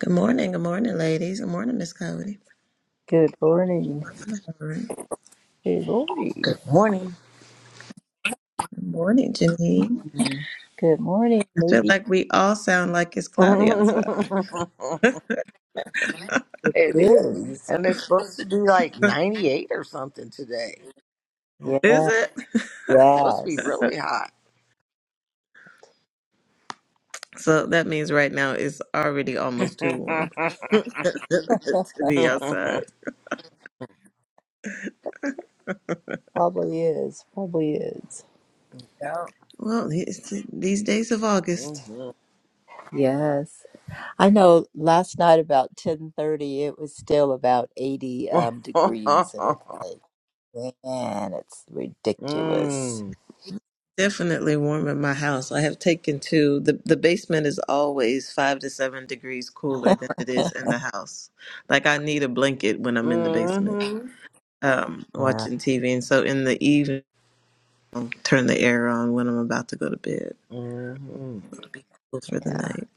Good morning, good morning, ladies. Good morning, Miss Cody. Good morning. Good Good morning. Good morning. morning, Janine. Good morning. I feel Maybe like we all sound like it's cloudy it outside. it is. is. And it's supposed to be like 98 or something today. Is Yeah. Supposed it? to be Yes. really hot. So that means right now it's already almost too yeah. warm to be outside. Probably is. Probably is. Well, it's these days of August. Mm-hmm. Yes. I know last night about 10:30 it was still about 80 um degrees and it's like man, it's ridiculous. mm. Definitely warm in my house. I have taken to the the basement is always five to seven degrees cooler than it is in the house. Like I need a blanket when I'm in the basement, Mm-hmm. um, Yeah. watching TV. And so in the evening. I'll turn the air on when I'm about to go to bed. hmm It'll be cool for the Yeah. night.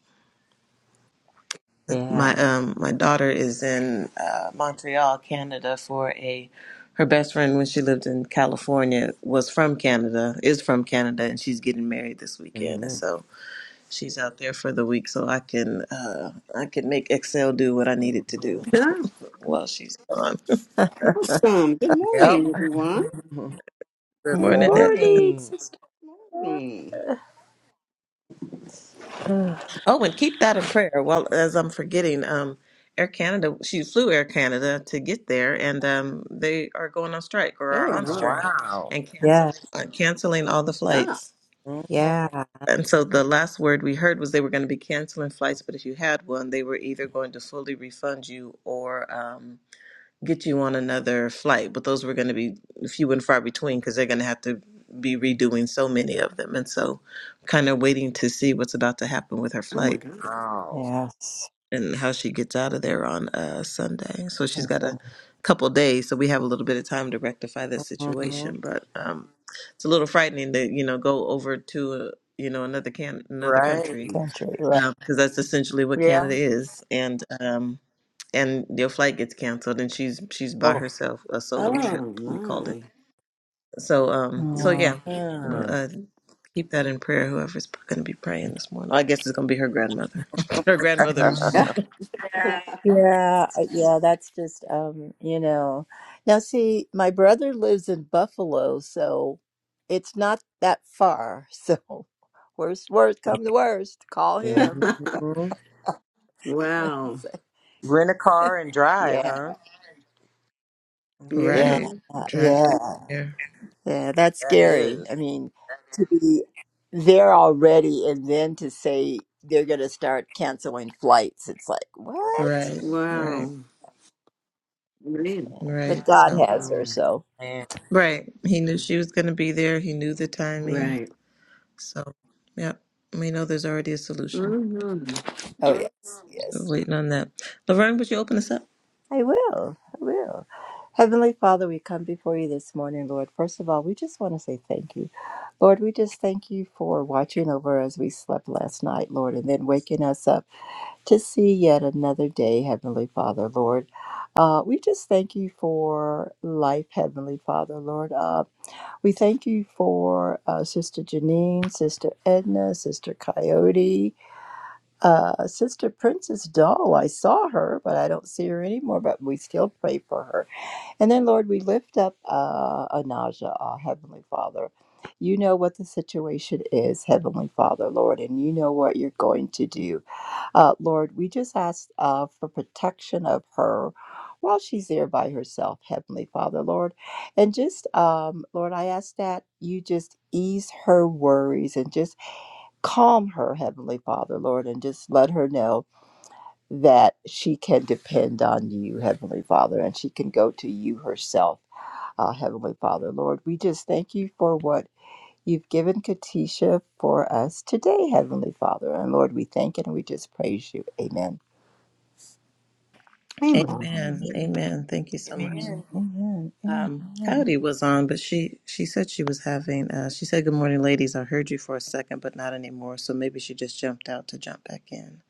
Yeah. My um my daughter is in uh, Montreal, Canada for a her best friend when she lived in California was from Canada, is from Canada and she's getting married this weekend and hmm hmm so she's out there for the week so I can uh I can make Excel do what I need it to hmm do Yeah, while she's gone. awesome. Good Yep. morning, everyone. Good Good Morning. Ed. morning, morning. sister. Good morning. Ugh. Oh, and keep that in prayer. Well, as I'm forgetting, um, Air Canada, she flew Air Canada to get there, and um, they are going on strike or are Oh Oh, on no, strike wow. and yeah. canceling uh, canceling all the stop! flights. Mhm. Yeah. And That's, so the last word we heard was they were going to be canceling flights, but if you had one, they were either going to fully refund you or um, get you on another flight. But those were going to be few and far between because they're going to have to be redoing so many of them. And so, kind of waiting to see what's about to happen with her Oh my flight. god. Wow. yes. and how she gets out of there on uh, Sunday. So she's got a couple days, so we have a little bit of time to rectify that Mm-hmm. situation. But um, it's a little frightening to you know go over to uh you know another can another Right. country country, right? because that's essentially what Yeah. Canada is, and um, and your flight gets canceled, and she's she's by Oh, herself, a solo yeah. Oh trip we called it. my. So um, so Mm. yeah. well, hmm Uh, Keep that in prayer, whoever's going to be praying this morning. I guess it's going to be her grandmother. her grandmother's. Yeah. Yeah, uh, yeah, that's just um, you know. Now see, my brother lives in Buffalo, so it's not that far. So worst worst come to worst, call him. wow. So, Rent a car and drive, yeah. huh? Yeah. Yeah. Right. uh, Drive Yeah. down here. Yeah, that's That scary. is. I mean, to be there already and then to say they're going to start canceling flights. It's like, what? Right. Mm. Right. Wow. Man. But Right. God So, has her, Man. so. Amen. right. He knew she was going to be there. He knew the timing. Right. So, yep. We know there's already a solution. Mm-hmm. Oh, yes, So, yes, yes. waiting on that. Laverne, would you open us up? I will. I will. Heavenly Father, we come before you this morning, Lord. First of all, we just want to say thank you. Lord, we just thank you for watching over as we slept last night, Lord, and then waking us up to see yet another day, Heavenly Father, Lord. Uh, we just thank you for life, Heavenly Father, Lord. Uh, we thank you for uh, Sister Janine, Sister Edna, Sister Coyote, Uh, Sister Princess Doll, I saw her, but I don't see her anymore, but we still pray for her. And then, Lord, we lift up uh, Anaja, our Heavenly Father. You know what the situation is, Heavenly Father, Lord, and you know what you're going to do. Uh, Lord, we just ask uh, for protection of her while she's there by herself, Heavenly Father, Lord. And just, um, Lord, I ask that you just ease her worries and just calm her, Heavenly Father, Lord, and just let her know that she can depend on you, Heavenly Father, and she can go to you herself, uh, Heavenly Father. Lord, we just thank you for what you've given Katisha for us today, Heavenly Father. And Lord, we thank you and we just praise you. Amen. Amen. Amen. Amen. Thank you so much. Amen. Um, Amen. Coyote was on, but she she said she was having. Uh, she said, "Good morning, ladies. I heard you for a second, but not anymore. So maybe she just jumped out to jump back in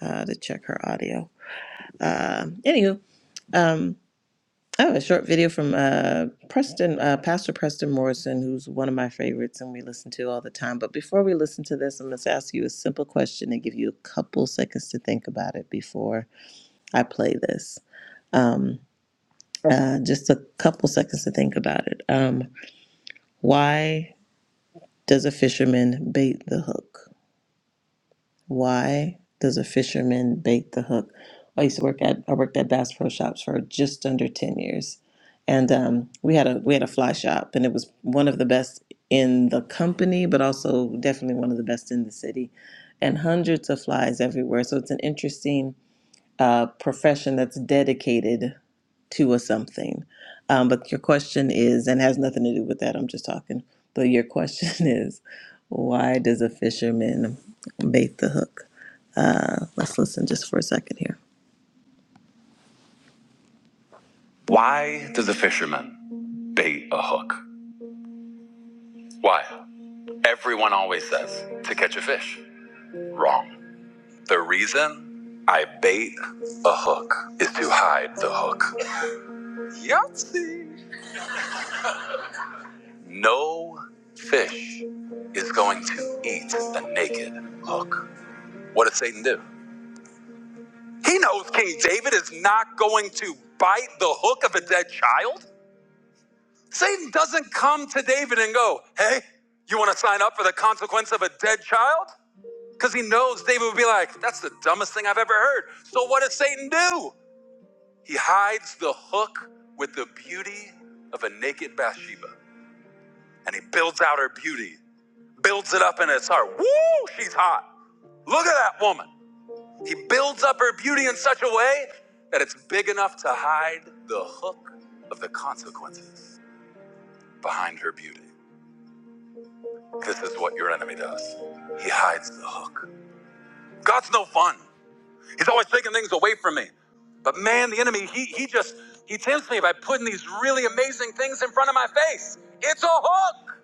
uh, to check her audio." Um anywho, um, I have a short video from uh, Preston, uh, Pastor Preston Morrison, who's one of my favorites and we listen to all the time. But before we listen to this, I'm going to ask you a simple question and give you a couple seconds to think about it before I play this. Um, uh, just a couple seconds to think about it. Um, why does a fisherman bait the hook? Why does a fisherman bait the hook? I used to work at I worked at Bass Pro Shops for just under ten years, and um, we had a we had a fly shop, and it was one of the best in the company, but also definitely one of the best in the city, and hundreds of flies everywhere. So it's an interesting uh, profession that's dedicated to a something. Um, but your question is, and has nothing to do with that, I'm just talking. But your question is, why does a fisherman bait the hook? Uh, let's listen just for a second here. Why does a fisherman bait a hook? Why? Everyone always says to catch a fish. Wrong. The reason I bait a hook is to hide the hook. Yahtzee. No fish is going to eat the naked hook. What did Satan do? He knows King David is not going to bite the hook of a dead child. Satan doesn't come to David and go, Hey, you want to sign up for the consequence of a dead child? Because he knows David would be like, That's the dumbest thing I've ever heard. So what does Satan do? He hides the hook with the beauty of a naked Bathsheba and he builds out her beauty builds it up in his heart. Woo, she's hot. Look at that woman. He builds up her beauty in such a way that it's big enough to hide the hook of the consequences behind her beauty. This is what your enemy does. He hides the hook. God's no fun. He's always taking things away from me. But man, the enemy, he, he just, he tempts me by putting these really amazing things in front of my face. It's a hook.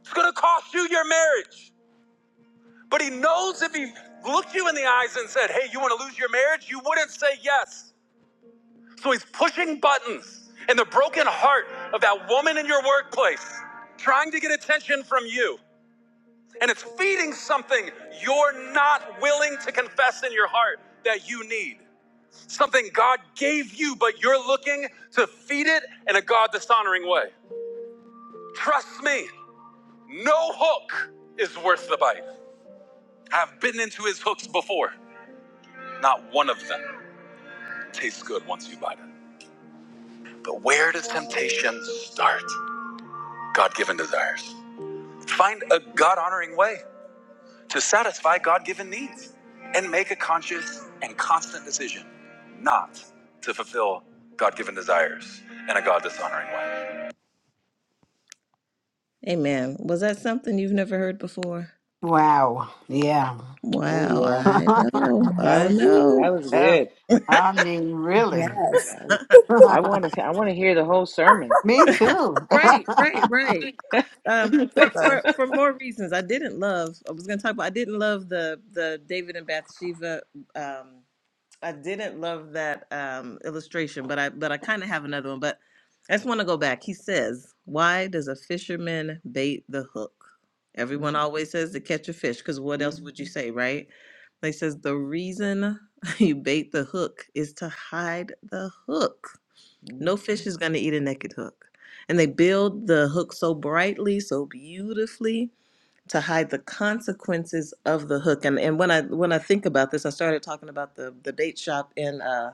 It's going to cost you your marriage. But he knows if he looked you in the eyes and said, Hey, you want to lose your marriage? You wouldn't say yes. So he's pushing buttons in the broken heart of that woman in your workplace, trying to get attention from you. And it's feeding something you're not willing to confess in your heart that you need. Something God gave you, but you're looking to feed it in a God dishonoring way. Trust me, no hook is worth the bite. I've bitten into his hooks before, not one of them. tastes good once you bite it. But where does temptation start? God given desires. Find a God honoring way to satisfy God given needs and make a conscious and constant decision not to fulfill God given desires in a God dishonoring way. Amen. Was that something you've never heard before? Wow. Yeah. Oh Wow, yeah, I know. that I was that know. was Oh, good. I mean, really. That was. I want to I want to hear the whole sermon. Me too. Right, right, right. um for, Amen. for for more reasons i didn't love i was going to talk about i didn't love the the david and bathsheba um i didn't love that um illustration but i but i kind of have another one but i just want to go back he says why does a fisherman bait the hook everyone hmm always says to catch a fish because what hmm else would you say right they says the reason you bait the hook is to hide the hook hmm no fish is going to eat a naked hook. And they build the hook so brightly, so beautifully to hide the consequences of the hook. And and when I when I think about this, I started talking about the the bait shop in uh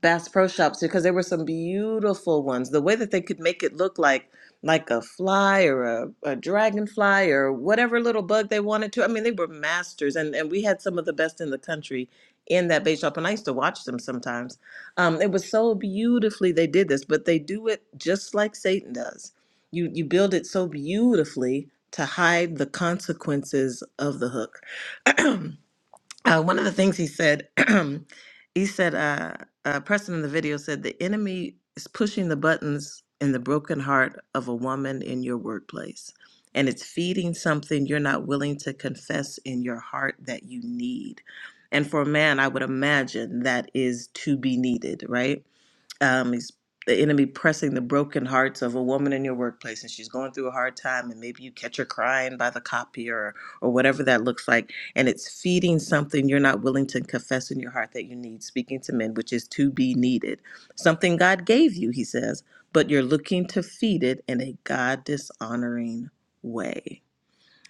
Bass Pro Shops because there were some beautiful ones. The way that they could make it look like like a fly or a, a dragonfly or whatever little bug they wanted to. I mean, they were masters, and and we had some of the best in the country in that bait shop, and I used to watch them sometimes. Um, it was so beautifully they did this, but they do it just like Satan does. You you build it so beautifully to hide the consequences of the hook uh, one of the things he said, he said, uh, uh, Preston in the video said, the enemy is pushing the buttons in the broken heart of a woman in your workplace. And it's feeding something you're not willing to confess in your heart that you need. And for a man, I would imagine that is to be needed, right? um, is the enemy pressing the broken hearts of a woman in your workplace and she's going through a hard time and maybe you catch her crying by the copier or, or whatever that looks like and it's feeding something you're not willing to confess in your heart that you need speaking to men which is to be needed something god gave you he says but you're looking to feed it in a god dishonoring way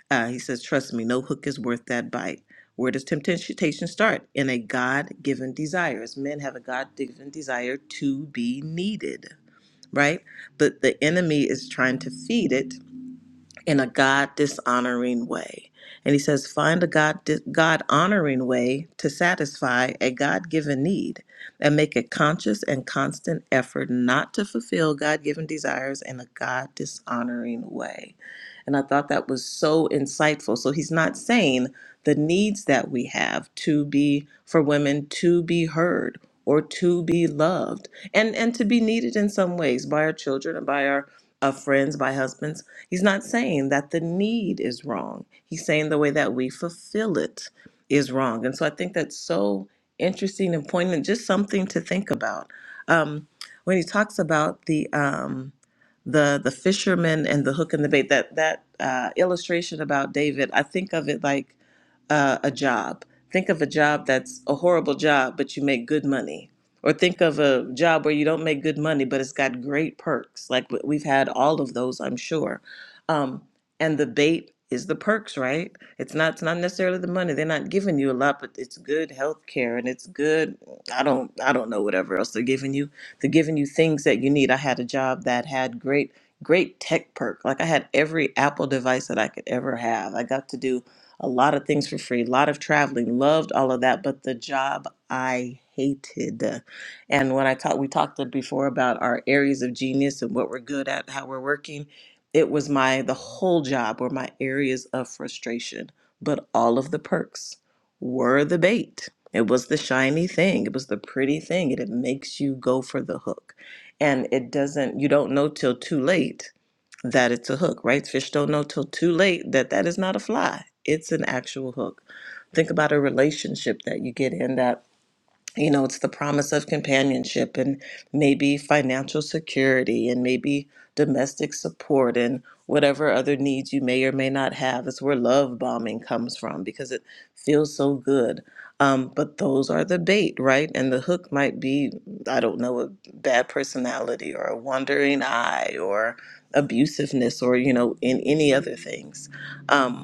uh, he says, Trust me, no hook is worth that bite. Where does temptation start? In a God given desire. As men have a God given desire to be needed, right? But the enemy is trying to feed it in a God dishonoring way. And he says, Find a God God honoring way to satisfy a God given need and make a conscious and constant effort not to fulfill God given desires in a God dishonoring way. And I thought that was so insightful. So he's not saying the needs that we have to be for women to be heard or to be loved and and to be needed in some ways by our children and by our uh, friends, by husbands. He's not saying that the need is wrong. He's saying the way that we fulfill it is wrong. And so I think that's so interesting and poignant, just something to think about. Um, when he talks about the um, the the fisherman and the hook and the bait that that uh, illustration about David I think of it like uh, a job think of a job that's a horrible job but you make good money or think of a job where you don't make good money but it's got great perks like w- we've had all of those I'm sure um, and the bait is the perks right it's not it's not necessarily the money they're not giving you a lot but it's good health care and it's good I don't I don't know whatever else they're giving you they're giving you things that you need. I had a job that had great, great tech perk. Like I had every Apple device that I could ever have. I got to do a lot of things for free, a lot of traveling, loved all of that. But the job I hated. And when I talked, we talked before about our areas of genius and what we're good at, how we're working. It was my, the whole job were my areas of frustration, but all of the perks were the bait it was the shiny thing. It was the pretty thing. And it makes you go for the hook. And it doesn't, you don't know till too late that it's a hook, right? Fish don't know till too late that that is not a fly. It's an actual hook. Think about a relationship that you get in that you know, it's the promise of companionship and maybe financial security and maybe domestic support and whatever other needs you may or may not have. It's where love bombing comes from because it feels so good. Um, but those are the bait, right? And the hook might be, I don't know, a bad personality or a wandering eye or abusiveness or, you know, in any other things. Um,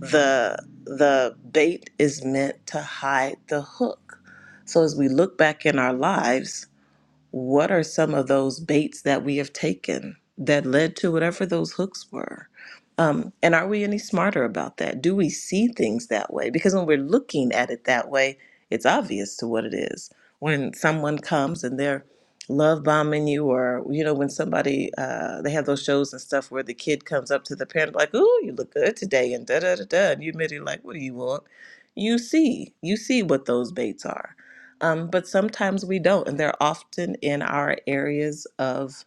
the the bait is meant to hide the hook. So as we look back in our lives, what are some of those baits that we have taken that led to whatever those hooks were? Um, and are we any smarter about that? Do we see things that way? Because when we're looking at it that way, it's obvious to what it is. When someone comes and they're love bombing you, or you know, when somebody uh, they have those shows and stuff where the kid comes up to the parent like, "Ooh, you look good today," and da da da da, and you immediately like, "What do you want?" You see, you see what those baits are um, but sometimes we don't, and they're often in our areas of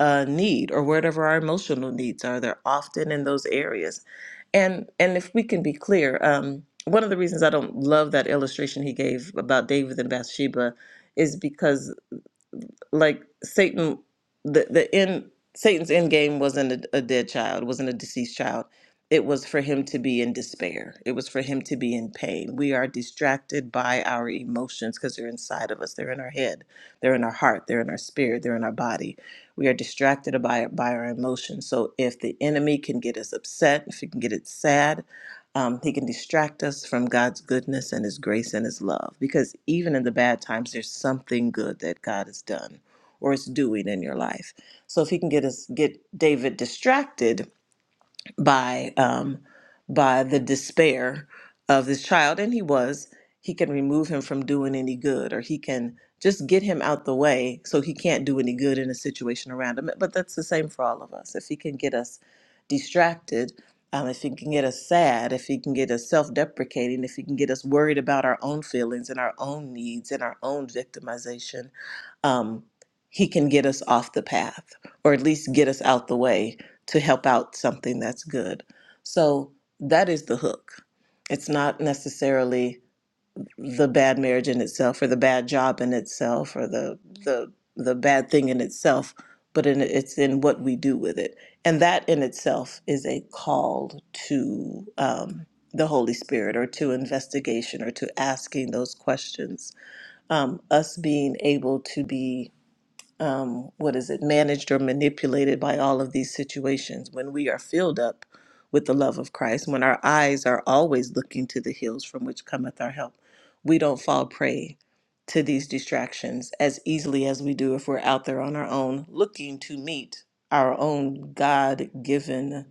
uh, need or whatever our emotional needs are. They're often in those areas, and and if we can be clear, um, one of the reasons I don't love that illustration he gave about David and Bathsheba is because like Satan, the the end Satan's end game wasn't a, a dead child, wasn't a deceased child. It was for him to be in despair. It was for him to be in pain. We are distracted by our emotions because they're inside of us. They're in our head. They're in our heart. They're in our spirit. They're in our body. We are distracted by by our emotions. So if the enemy can get us upset, if he can get it sad, um, he can distract us from God's goodness and His grace and His love. Because even in the bad times, there's something good that God has done or it's doing in your life. So if he can get us get David distracted by um, by the despair of this child, and he was, he can remove him from doing any good, or he can just get him out the way so he can't do any good in a situation around him. But that's the same for all of us. If he can get us distracted. Um, if he can get us sad, if he can get us self deprecating, if he can get us worried about our own feelings and our own needs and our own victimization, um, he can get us off the path or at least get us out the way to help out something that's good. So that is the hook. It's not necessarily the bad marriage in itself or the bad job in itself or the the the bad thing in itself, but in, it's in what we do with it. And that in itself is a call to um, the Holy Spirit or to investigation or to asking those questions. Um, us being able to be um, what is it, managed or manipulated by all of these situations. When we are filled up with the love of Christ, when our eyes are always looking to the hills from which cometh our help, we don't fall prey to these distractions as easily as we do if we're out there on our own looking to meet our own God given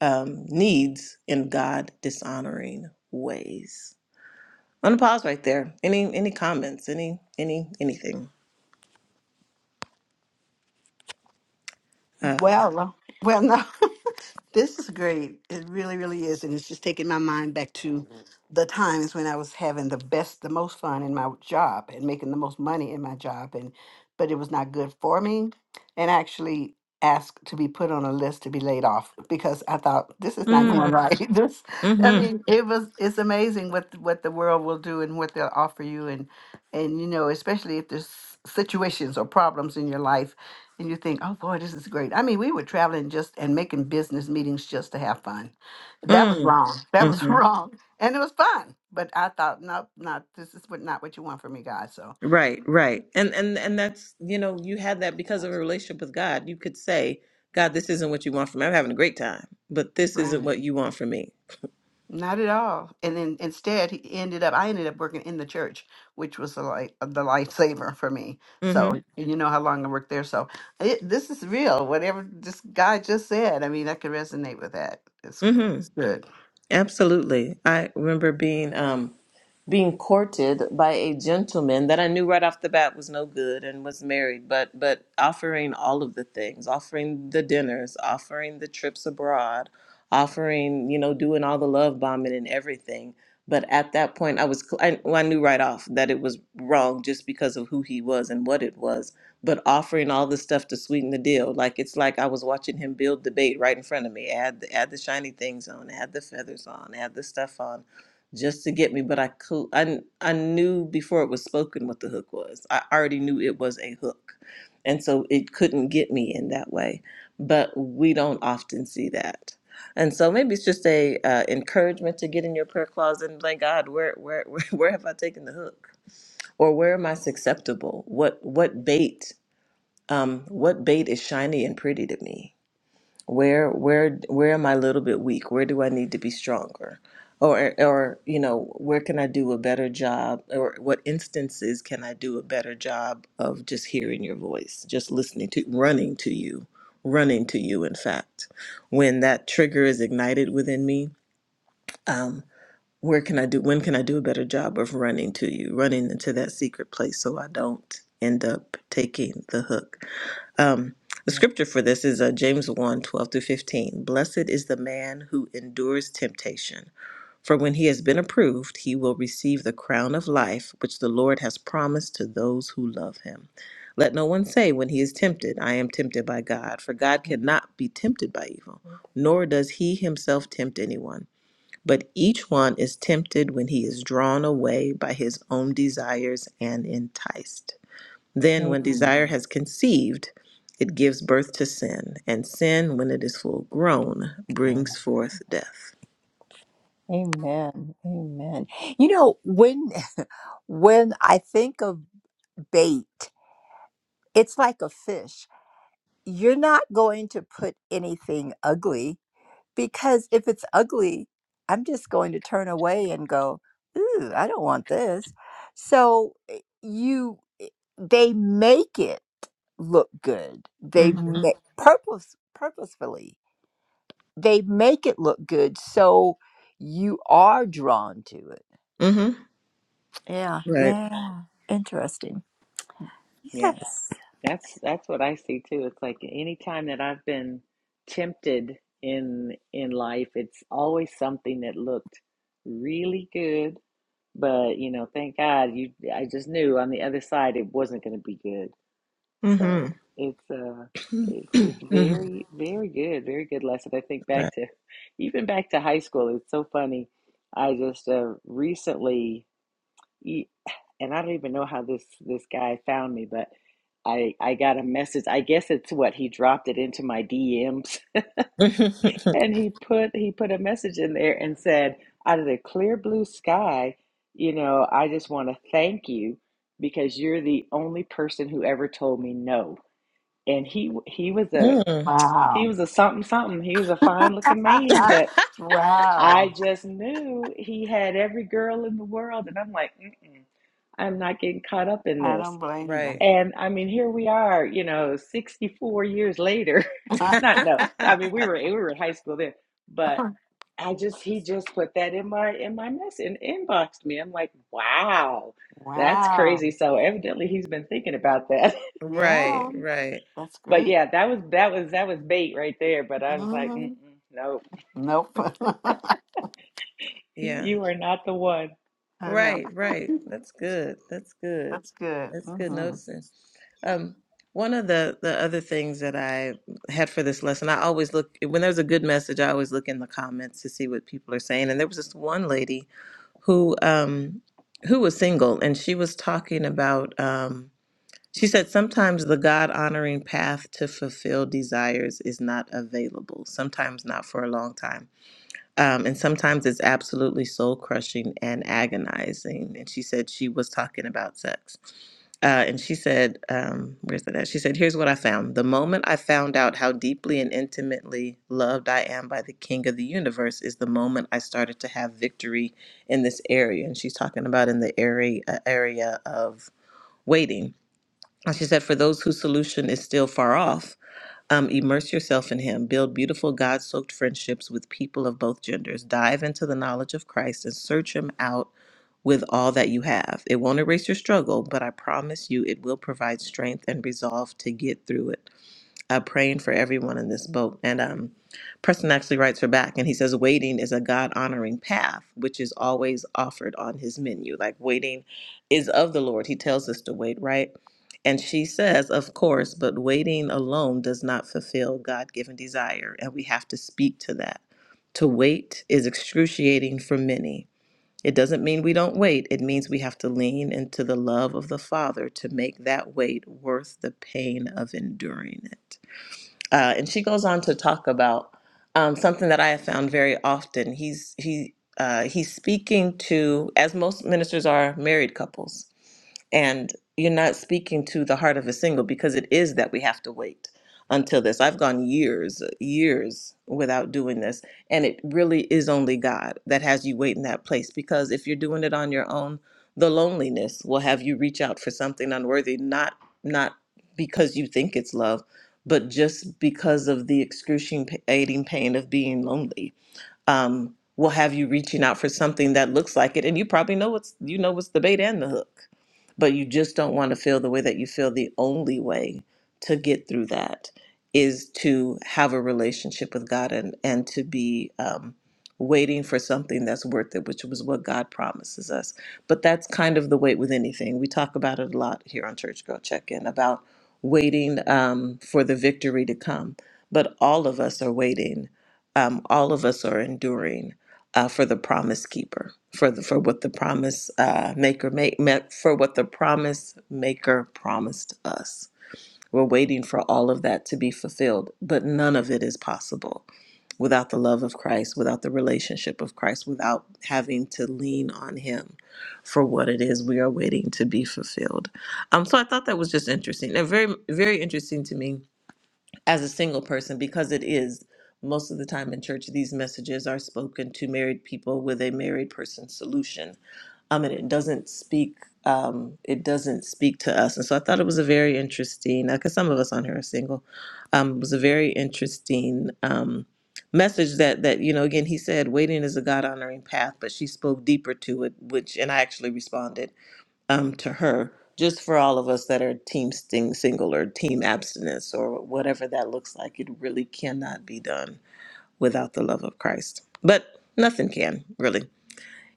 um, needs in God dishonoring ways. I'm gonna pause right there. Any any comments? Any any anything? Um, well, well, no. This is great. It really, really is. And it's just taking my mind back to the times when I was having the best, the most fun in my job and making the most money in my job. And, but it was not good for me. And I actually asked to be put on a list to be laid off because I thought this is not going mm, right. This, I mhm. mean, it was, it's amazing what, th- what the world will do and what they'll offer you. And, and, you know, especially if there's situations or problems in your life and you think, oh boy, this is great. I mean, we were traveling just and making business meetings just to have fun. That was Mm. wrong. That was hmm wrong, and it was fun. But I thought, nope, not this is what not what you want from me, God. So, Right, right. And and and that's, you know, you had that because of a relationship with God. You could say, God, this isn't what you want from me. I'm having a great time, but this right, isn't what you want from me. not at all. And then instead, he ended up. I ended up working in the church, which was the light, the lifesaver for me. Mm-hmm. So, and you know how long I worked there. So, it, this is real. Whatever this guy just said, I mean, I could resonate with that. It's, Mm-hmm. it's good. Absolutely. I remember being um being courted by a gentleman that I knew right off the bat was no good and was married, but but offering all of the things, offering the dinners, offering the trips abroad, offering you know doing all the love bombing and everything. But at that point, I was cl- I, well, I knew right off that it was wrong just because of who he was and what it was. But offering all the stuff to sweeten the deal, like it's like I was watching him build the bait right in front of me. Add the, add the shiny things on, add the feathers on, add the stuff on just to get me, but I could I, I knew before it was spoken what the hook was. I already knew it was a hook. And so it couldn't get me in that way. But we don't often see that. And so maybe it's just a uh, encouragement to get in your prayer closet and thank God where where where, where have I taken the hook? Or where am I susceptible? What what bait um what bait is shiny and pretty to me? where where where am i a little bit weak where do i need to be stronger or or you know where can i do a better job or what instances can i do a better job of just hearing your voice just listening to running to you running to you in fact when that trigger is ignited within me um, where can I do when can I do a better job of running to you, running into that secret place so I don't end up taking the hook. Um, the scripture for this is uh, James one twelve 12 through 15. Blessed is the man who endures temptation, for when he has been approved, he will receive the crown of life which the Lord has promised to those who love him. Let no one say when he is tempted, I am tempted by God, for God cannot be tempted by evil, nor does he himself tempt anyone. But each one is tempted when he is drawn away by his own desires and enticed. Then, when Uh, desire has conceived, it gives birth to sin, and sin, when it is full grown, Amen. brings forth death. Amen. Amen. You know, when when I think of bait, it's like a fish. You're not going to put anything ugly because if it's ugly, I'm just going to turn away and go, "Ooh, I don't want this." So eh, you eh, they make it look good. They Mm-hmm. make purpose purposefully. They make it look good so you are drawn to it Mm-hmm. Yeah. Right. Yeah. Interesting. Yeah, Yes. that's that's what I see too. It's like any time that I've been tempted in in life, it's always something that looked really good But you know, thank God you I just knew on the other side it wasn't going to be good. So Mm-hmm. it's uh it's it's hmm very very good, very good lesson. I think Right. back to even back to high school. It's so funny. I just uh recently e- and I don't even know how this this guy found me, but I I got a message. I guess it's what he dropped it into my DMs and he put he put a message in there and said out of the clear blue sky you know i just want to thank you because you're the only person who ever told me no and he he was a mm he Wow. was a something something he was a fine looking man but i wow. just knew he had every girl in the world and i'm like Mm-mm, i'm not getting caught up in I this don't blame Right. you. and I mean, here we are, you know, 64 years later. Not no. I mean, we were we were in high school then, but I just he just put that in my in my mess and inboxed me. I'm like, wow, that's crazy. wow. So evidently he's been thinking about that. Yeah, right. Right. that's But great. yeah, that was that was that was bait right there. But I was like, Mm-mm, hmm no, Nope. I Yeah. you are not the one. know. Right. Right. That's good. That's good. That's good. That's good hmm noticing. Um, one of the the other things that I had for this lesson, I always look when there's a good message. I always look in the comments to see what people are saying. And there was this one lady who um, who was single, and she was talking about. Um, she said sometimes the God honoring path to fulfill desires is not available. Sometimes not for a long time. Um, and sometimes it's absolutely soul crushing and agonizing. And she said she was talking about sex. Uh, and she said, um, where's that? at? She said, here's what I found. The moment I found out how deeply and intimately loved I am by the king of the universe is the moment I started to have victory in this area. And she's talking about in the area, uh, area of waiting. And she said, for those whose solution is still far off, um, immerse yourself in Him. Build beautiful, God soaked friendships with people of both genders. Dive into the knowledge of Christ and search Him out with all that you have. It won't erase your struggle, but I promise you it will provide strength and resolve to get through it uh, praying for everyone in this boat. And um, Preston actually writes her back and he says, Waiting is a God honoring path, which is always offered on his menu. Like, waiting is of the Lord. He tells us to wait, right? And she says, Of course, but waiting alone does not fulfill God given desire. And we have to speak to that. To wait is excruciating for many. It doesn't mean we don't wait. It means we have to lean into the love of the Father to make that wait worth the pain of enduring it uh, and she goes on to talk about um, something that I have found very often. He's he uh, he's speaking to, as most ministers are, married couples, and you're not speaking to the heart of a single because it is that we have to wait until this. I've gone years, years without doing this, and it really is only God that has you wait in that place because if you're doing it on your own, the loneliness will have you reach out for something unworthy, not not because you think it's love, but just because of the excruciating pain of being lonely um, will have you reaching out for something that looks like it, and you probably know what's you know what's the bait and the hook, but you just don't want to feel the way that you feel. The only way to get through that is to have a relationship with God and and to be um, waiting for something that's worth it, which was what God promises us. But that's kind of the wait with anything. We talk about it a lot here on Church Girl Check In about waiting um, for the victory to come, but all of us are waiting um, all of us are enduring uh, for the promise keeper, for the, for what the promise uh, maker make, for what the promise maker promised us. We're waiting for all of that to be fulfilled, but none of it is possible without the love of Christ, without the relationship of Christ, without having to lean on Him for what it is we are waiting to be fulfilled. Um, so I thought that was just interesting and very, very interesting to me as a single person because it is most of the time in church these messages are spoken to married people with a married person solution um and it doesn't speak um it doesn't speak to us and so i thought it was a very interesting because some of us on here are single um it was a very interesting um message that that you know again he said waiting is a god honoring path but she spoke deeper to it which and i actually responded um, to her, just for all of us that are team sting single or team abstinence or whatever that looks like. It really cannot be done without the love of Christ. But nothing can, really.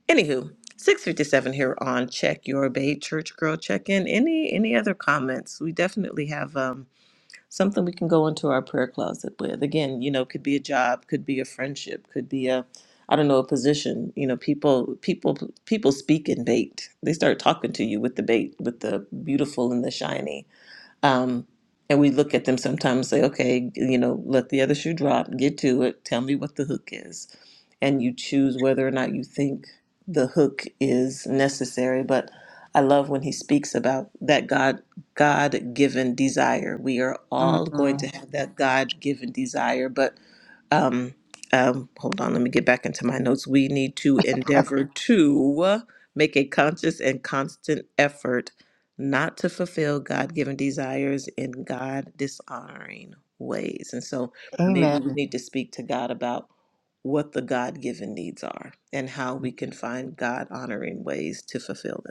Anywho, 657 here on Check Your Bait Church Girl Check In. Any any other comments? We definitely have Um, something we can go into our prayer closet with. Again, you know, could be a job, could be a friendship, could be a I don't know, a position. You know, people people people speak in bait. They start talking to you with the bait, with the beautiful and the shiny. Um, and we look at them sometimes say, okay, you know, let the other shoe drop, get to it, tell me what the hook is. And you choose whether or not you think the hook is necessary. But I love when he speaks about that God God given desire. We are all going to Mm. have that God given desire, but um, um, hold on, let me get back into my notes. We need to endeavor to make a conscious and constant effort not to fulfill God given desires in God dishonoring ways. And so maybe Amen. we Mhm. need to speak to God about what the God given needs are and how we can find God honoring ways to fulfill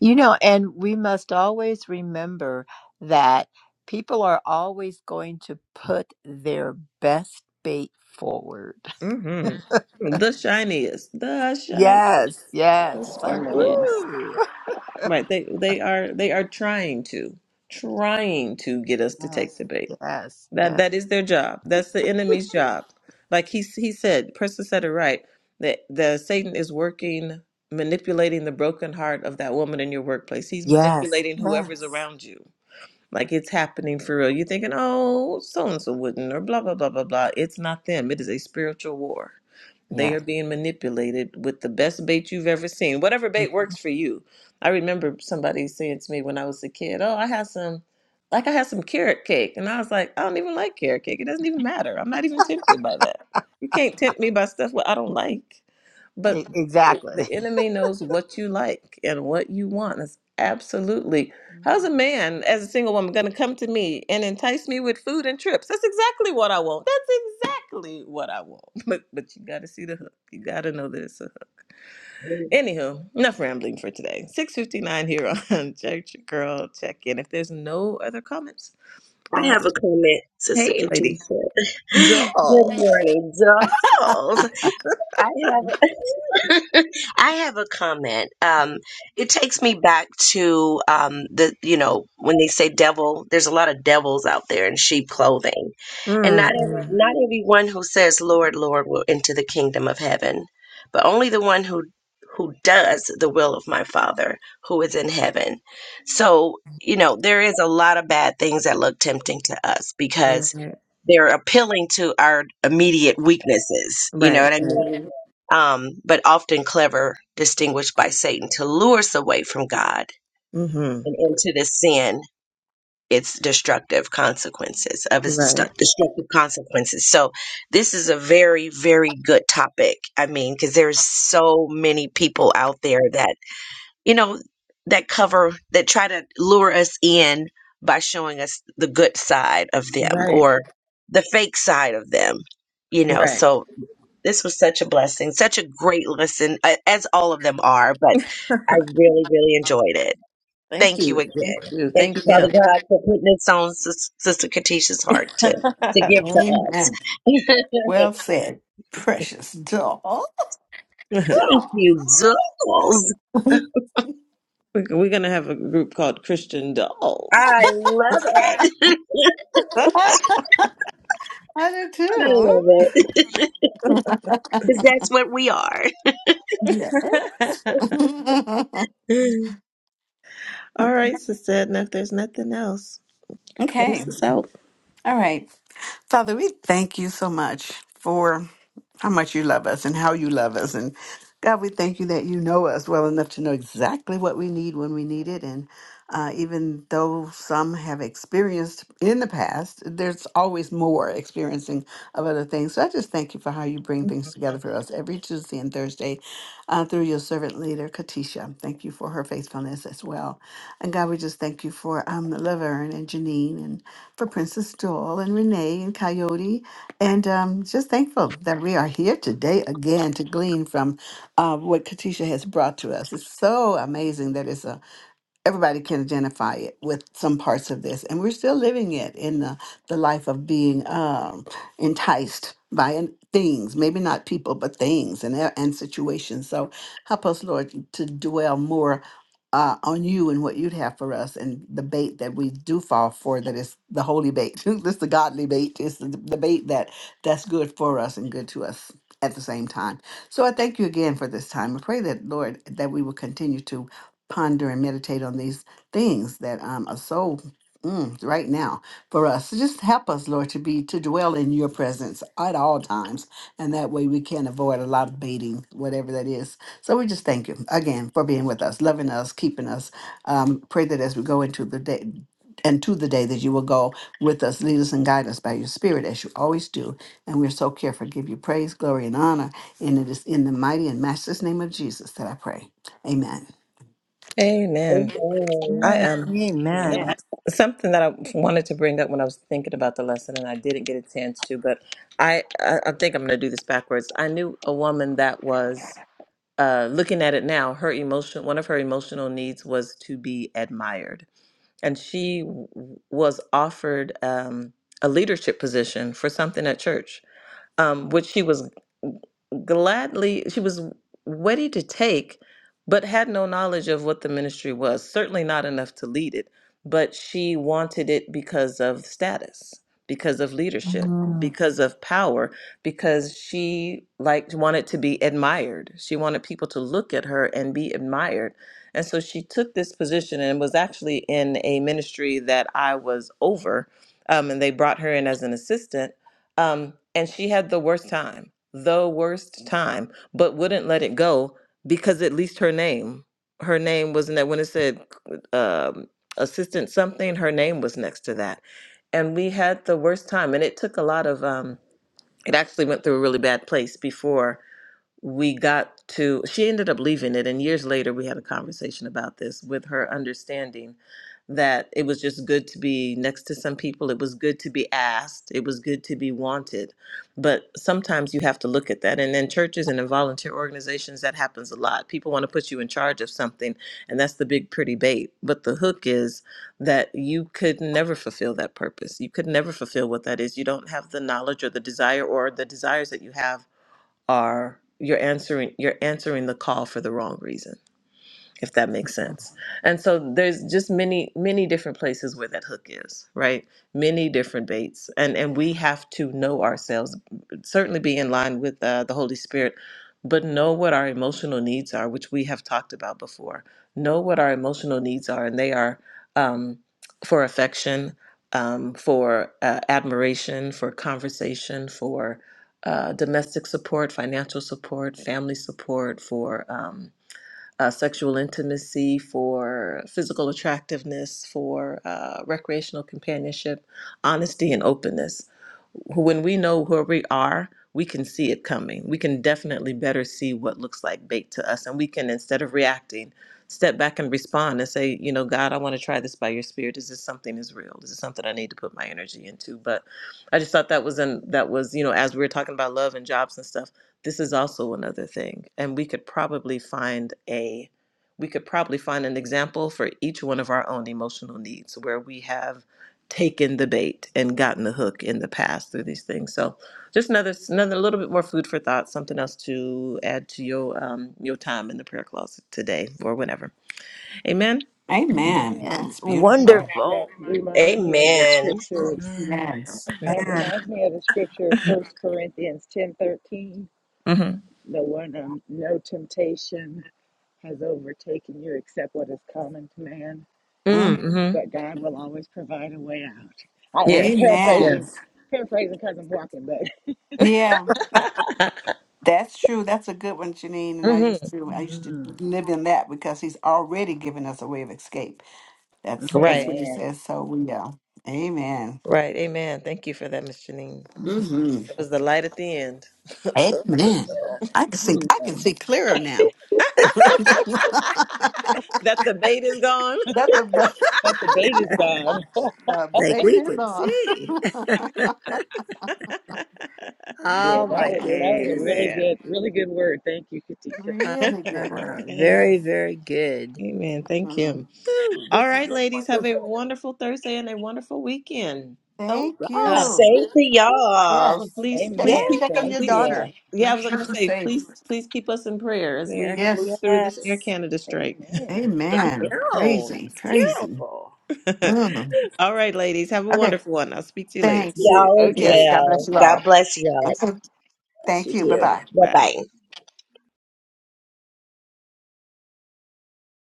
You know, and we must always remember that people are always going to put their best bait forward. them. hmm The shiniest, the shiniest, Yes, the yes. It's like, sparkliest. Amen. ooh. Right. They they are they are trying to trying to get us to take Yes, the bait. yes, That yes, that is their job. That's the enemy's job. Like he he said, Preston said it right. That the Satan is working manipulating the broken heart of that woman in your workplace. He's yes, manipulating whoever's yes. around you. Like it's happening for real. You're thinking, oh, so and so wouldn't, or blah, blah, blah, blah, blah. It's not them. It is a spiritual war. They Yes. are being manipulated with the best bait you've ever seen. Whatever bait works for you. I remember somebody saying to me when I was a kid, oh, I had some, like I had some carrot cake. And I was like, I don't even like carrot cake. It doesn't even matter. I'm not even tempted by that. You can't tempt me by stuff what I don't like. But E- Exactly. the enemy knows what you like and what you want. It's absolutely How's Mm. a man as a single woman going to come to me and entice me with food and trips? That's exactly what I want. That's exactly what I want. But but you got to see the hook. You got to know that it's a hook. I Anywho, enough rambling for today. 6:59 here on Church Girl Check In. If there's no other comments, uh, have a comment, Sister hey Katisha. lady, Good doll. morning, dolls. I have I have a comment. Um, it takes me back to um, the you know when they say devil. There's a lot of devils out there in sheep clothing, and not Mm, every mm, not everyone who says Lord, Lord will enter the kingdom of heaven, but only the one who who does the will of my Father who is in heaven. So you know there is a lot of bad things that look tempting to us because right, they're appealing to our immediate weaknesses. You know right, what I right. mean? um, but often clever, distinguished by Satan to lure us away from God Mm-hmm. and into the sin, its destructive consequences of its Right, destru- destructive consequences. So this is a very, very good topic. I mean, because there's so many people out there that you know that cover that try to lure us in by showing us the good side of them right, or the fake side of them. You know, right. so this was such a blessing, such a great listen, a- as all of them are, but I really, really enjoyed it. Thank Thank you you, thank again. you, Thank thank you, him. Father God, for putting this on Sis- Sister Katisha's heart to, to give to us. Amen. Well said, precious doll. Thank Doll. you, Jules. I We're we're gonna have a group called Christian Dolls. I love it. do I too. love it. Because that's what we are. Yes. All right, Sister Edna, if there's nothing else, close okay. this out. All right. Father, we thank you so much for. how much you love us and how you love us. And God, we thank you that you know us well enough to know exactly what we need when we need it. And uh, even though some have experienced in the past, there's always more experiencing of other things. So I just thank you for how you bring things together for us every Tuesday and Thursday uh, through your servant leader, Katisha. Thank you for her faithfulness as well. And God, we just thank you for um, Laverne and Janine and for Princess Doll and Renee and Coyote and um, just thankful that we are here today again to glean from uh, what Katisha has brought to us. It's so amazing that it's a everybody can identify it with some parts of this and we're still living it in the, the life of being um, enticed by an- things maybe not people but things and, a- and situations so help us lord to dwell more uh, on you and what you'd have for us and the bait that we do fall for that is the holy bait this the godly bait It's the, the bait that that's good for us and good to us at the same time so i thank you again for this time i pray that lord that we will continue to ponder and meditate on these things that um, are so mm, right now for us. So just help us, Lord, to be to dwell in your presence at all times, and that way we can avoid a lot of baiting, whatever that is. So we just thank you again for being with us, loving us, keeping us. Um, pray that as we go into the day. And to the day that you will go with us, lead us and guide us by your spirit as you always do. And we're so careful to give you praise, glory, and honor. And it is in the mighty and matchless name of Jesus that I pray. Amen. Amen. Amen. I am um, Amen. Amen. something that I wanted to bring up when I was thinking about the lesson, and I didn't get a chance to, but I I, I think I'm gonna do this backwards. I knew a woman that was. uh, looking at it now, her emotion, one of her emotional needs was to be admired. And she w- was offered um, a leadership position for something at church um, which she was gladly she was ready to take but had no knowledge of what the ministry was certainly not enough to lead it but she wanted it because of status because of leadership Amen. because of power because she liked wanted to be admired she wanted people to look at her and be admired and so she took this position and was actually in a ministry that i was over um, and they brought her in as an assistant um, and she had the worst time, the worst time, but wouldn't let it go because at least her name, her name wasn't that when it said um, assistant something, her name was next to that. And we had the worst time. And it took a lot of, um, it actually went through a really bad place before we got to she ended up leaving it and years later we had a conversation about this with her understanding that it was just good to be next to some people it was good to be asked it was good to be wanted but sometimes you have to look at that and in churches and in volunteer organizations that happens a lot people want to put you in charge of something and that's the big pretty bait but the hook is that you could never fulfill that purpose you could never fulfill what that is you don't have the knowledge or the desire or the desires that you have are you're answering you're answering the call for the wrong reason if that makes sense. And so there's just many many different places where that hook is, right? Many different baits, and and we have to know ourselves, certainly be in line with uh, the Holy Spirit, but know what our emotional needs are, which we have talked about before. Know what our emotional needs are, and they are um, for affection, um, for uh, admiration, for conversation, for uh, domestic support, financial support, family support, for um, uh, sexual intimacy, for physical attractiveness, for uh, recreational companionship, honesty, and openness. When we know where we are, we can see it coming. We can definitely better see what looks like bait to us. And we can, instead of reacting, step back and respond and say, you know, God, I want to try this by your spirit. Is this something is real? Is this something I need to put my energy into? But I just thought that was an that was, you know, as we were talking about love and jobs and stuff, this is also another thing and we could probably find a we could probably find an example for each one of our own emotional needs where we have taken the bait and gotten the hook in the past through these things so just another another little bit more food for thought something else to add to your um your time in the prayer closet today or whenever amen Mm. Amen. And That's beautiful. wonderful. That Amen. Amen. Yes. yeah Amen. reminds me of the scripture, First Corinthians ten thirteen. hmm No one, um, no temptation has overtaken you except what is common to man, Mm. mm-hmm but God will always provide a way out. I, I'm yes Mhm. paraphrasing, Amen. paraphrasing because I'm Walking, but Yeah, that's true. That's a good one, Janine. And I hmm used to I used to live in that because he's already given us a way of escape. That's Mhm. that's right what he amen. says. So we uh Amen. right amen thank you for that miss janine hmm It was the light at the end of the Amen. tunnel. I can see I can Amen. see clearer now. that's that the bait is gone. the best But the bait is gone. the Like bait we is can on. see. yeah, Oh that my was that was a really goodness. Amen. good, really good word. Thank you, Katisha. really good Uh-huh. word. Amen. Very, Yes. very good. Amen. Thank Mhm. you. Ooh, this All is right, just ladies, have a wonderful. wonderful Thursday and a wonderful weekend. All Thank right. Uh, you. Same to y'all. Yes. please, Yeah, please Check Amen. keep, check on Same your to please. daughter. y'all. Yeah, I Make was sure going to she's say, safe. please, please keep us in prayer as we there. move Yes. through this Air Yes. Canada strike. Amen. I Amen. know. Crazy. It's Crazy. terrible. Mm. Yes, All right, ladies, have a Okay. wonderful one. I'll speak to you You later. Thanks. too. Y'all as And Yes. Okay. God bless well. you bye bye. all. God bless y'all. Okay. Yes, Thank you you. Bye too. bye. Bye. Bye-bye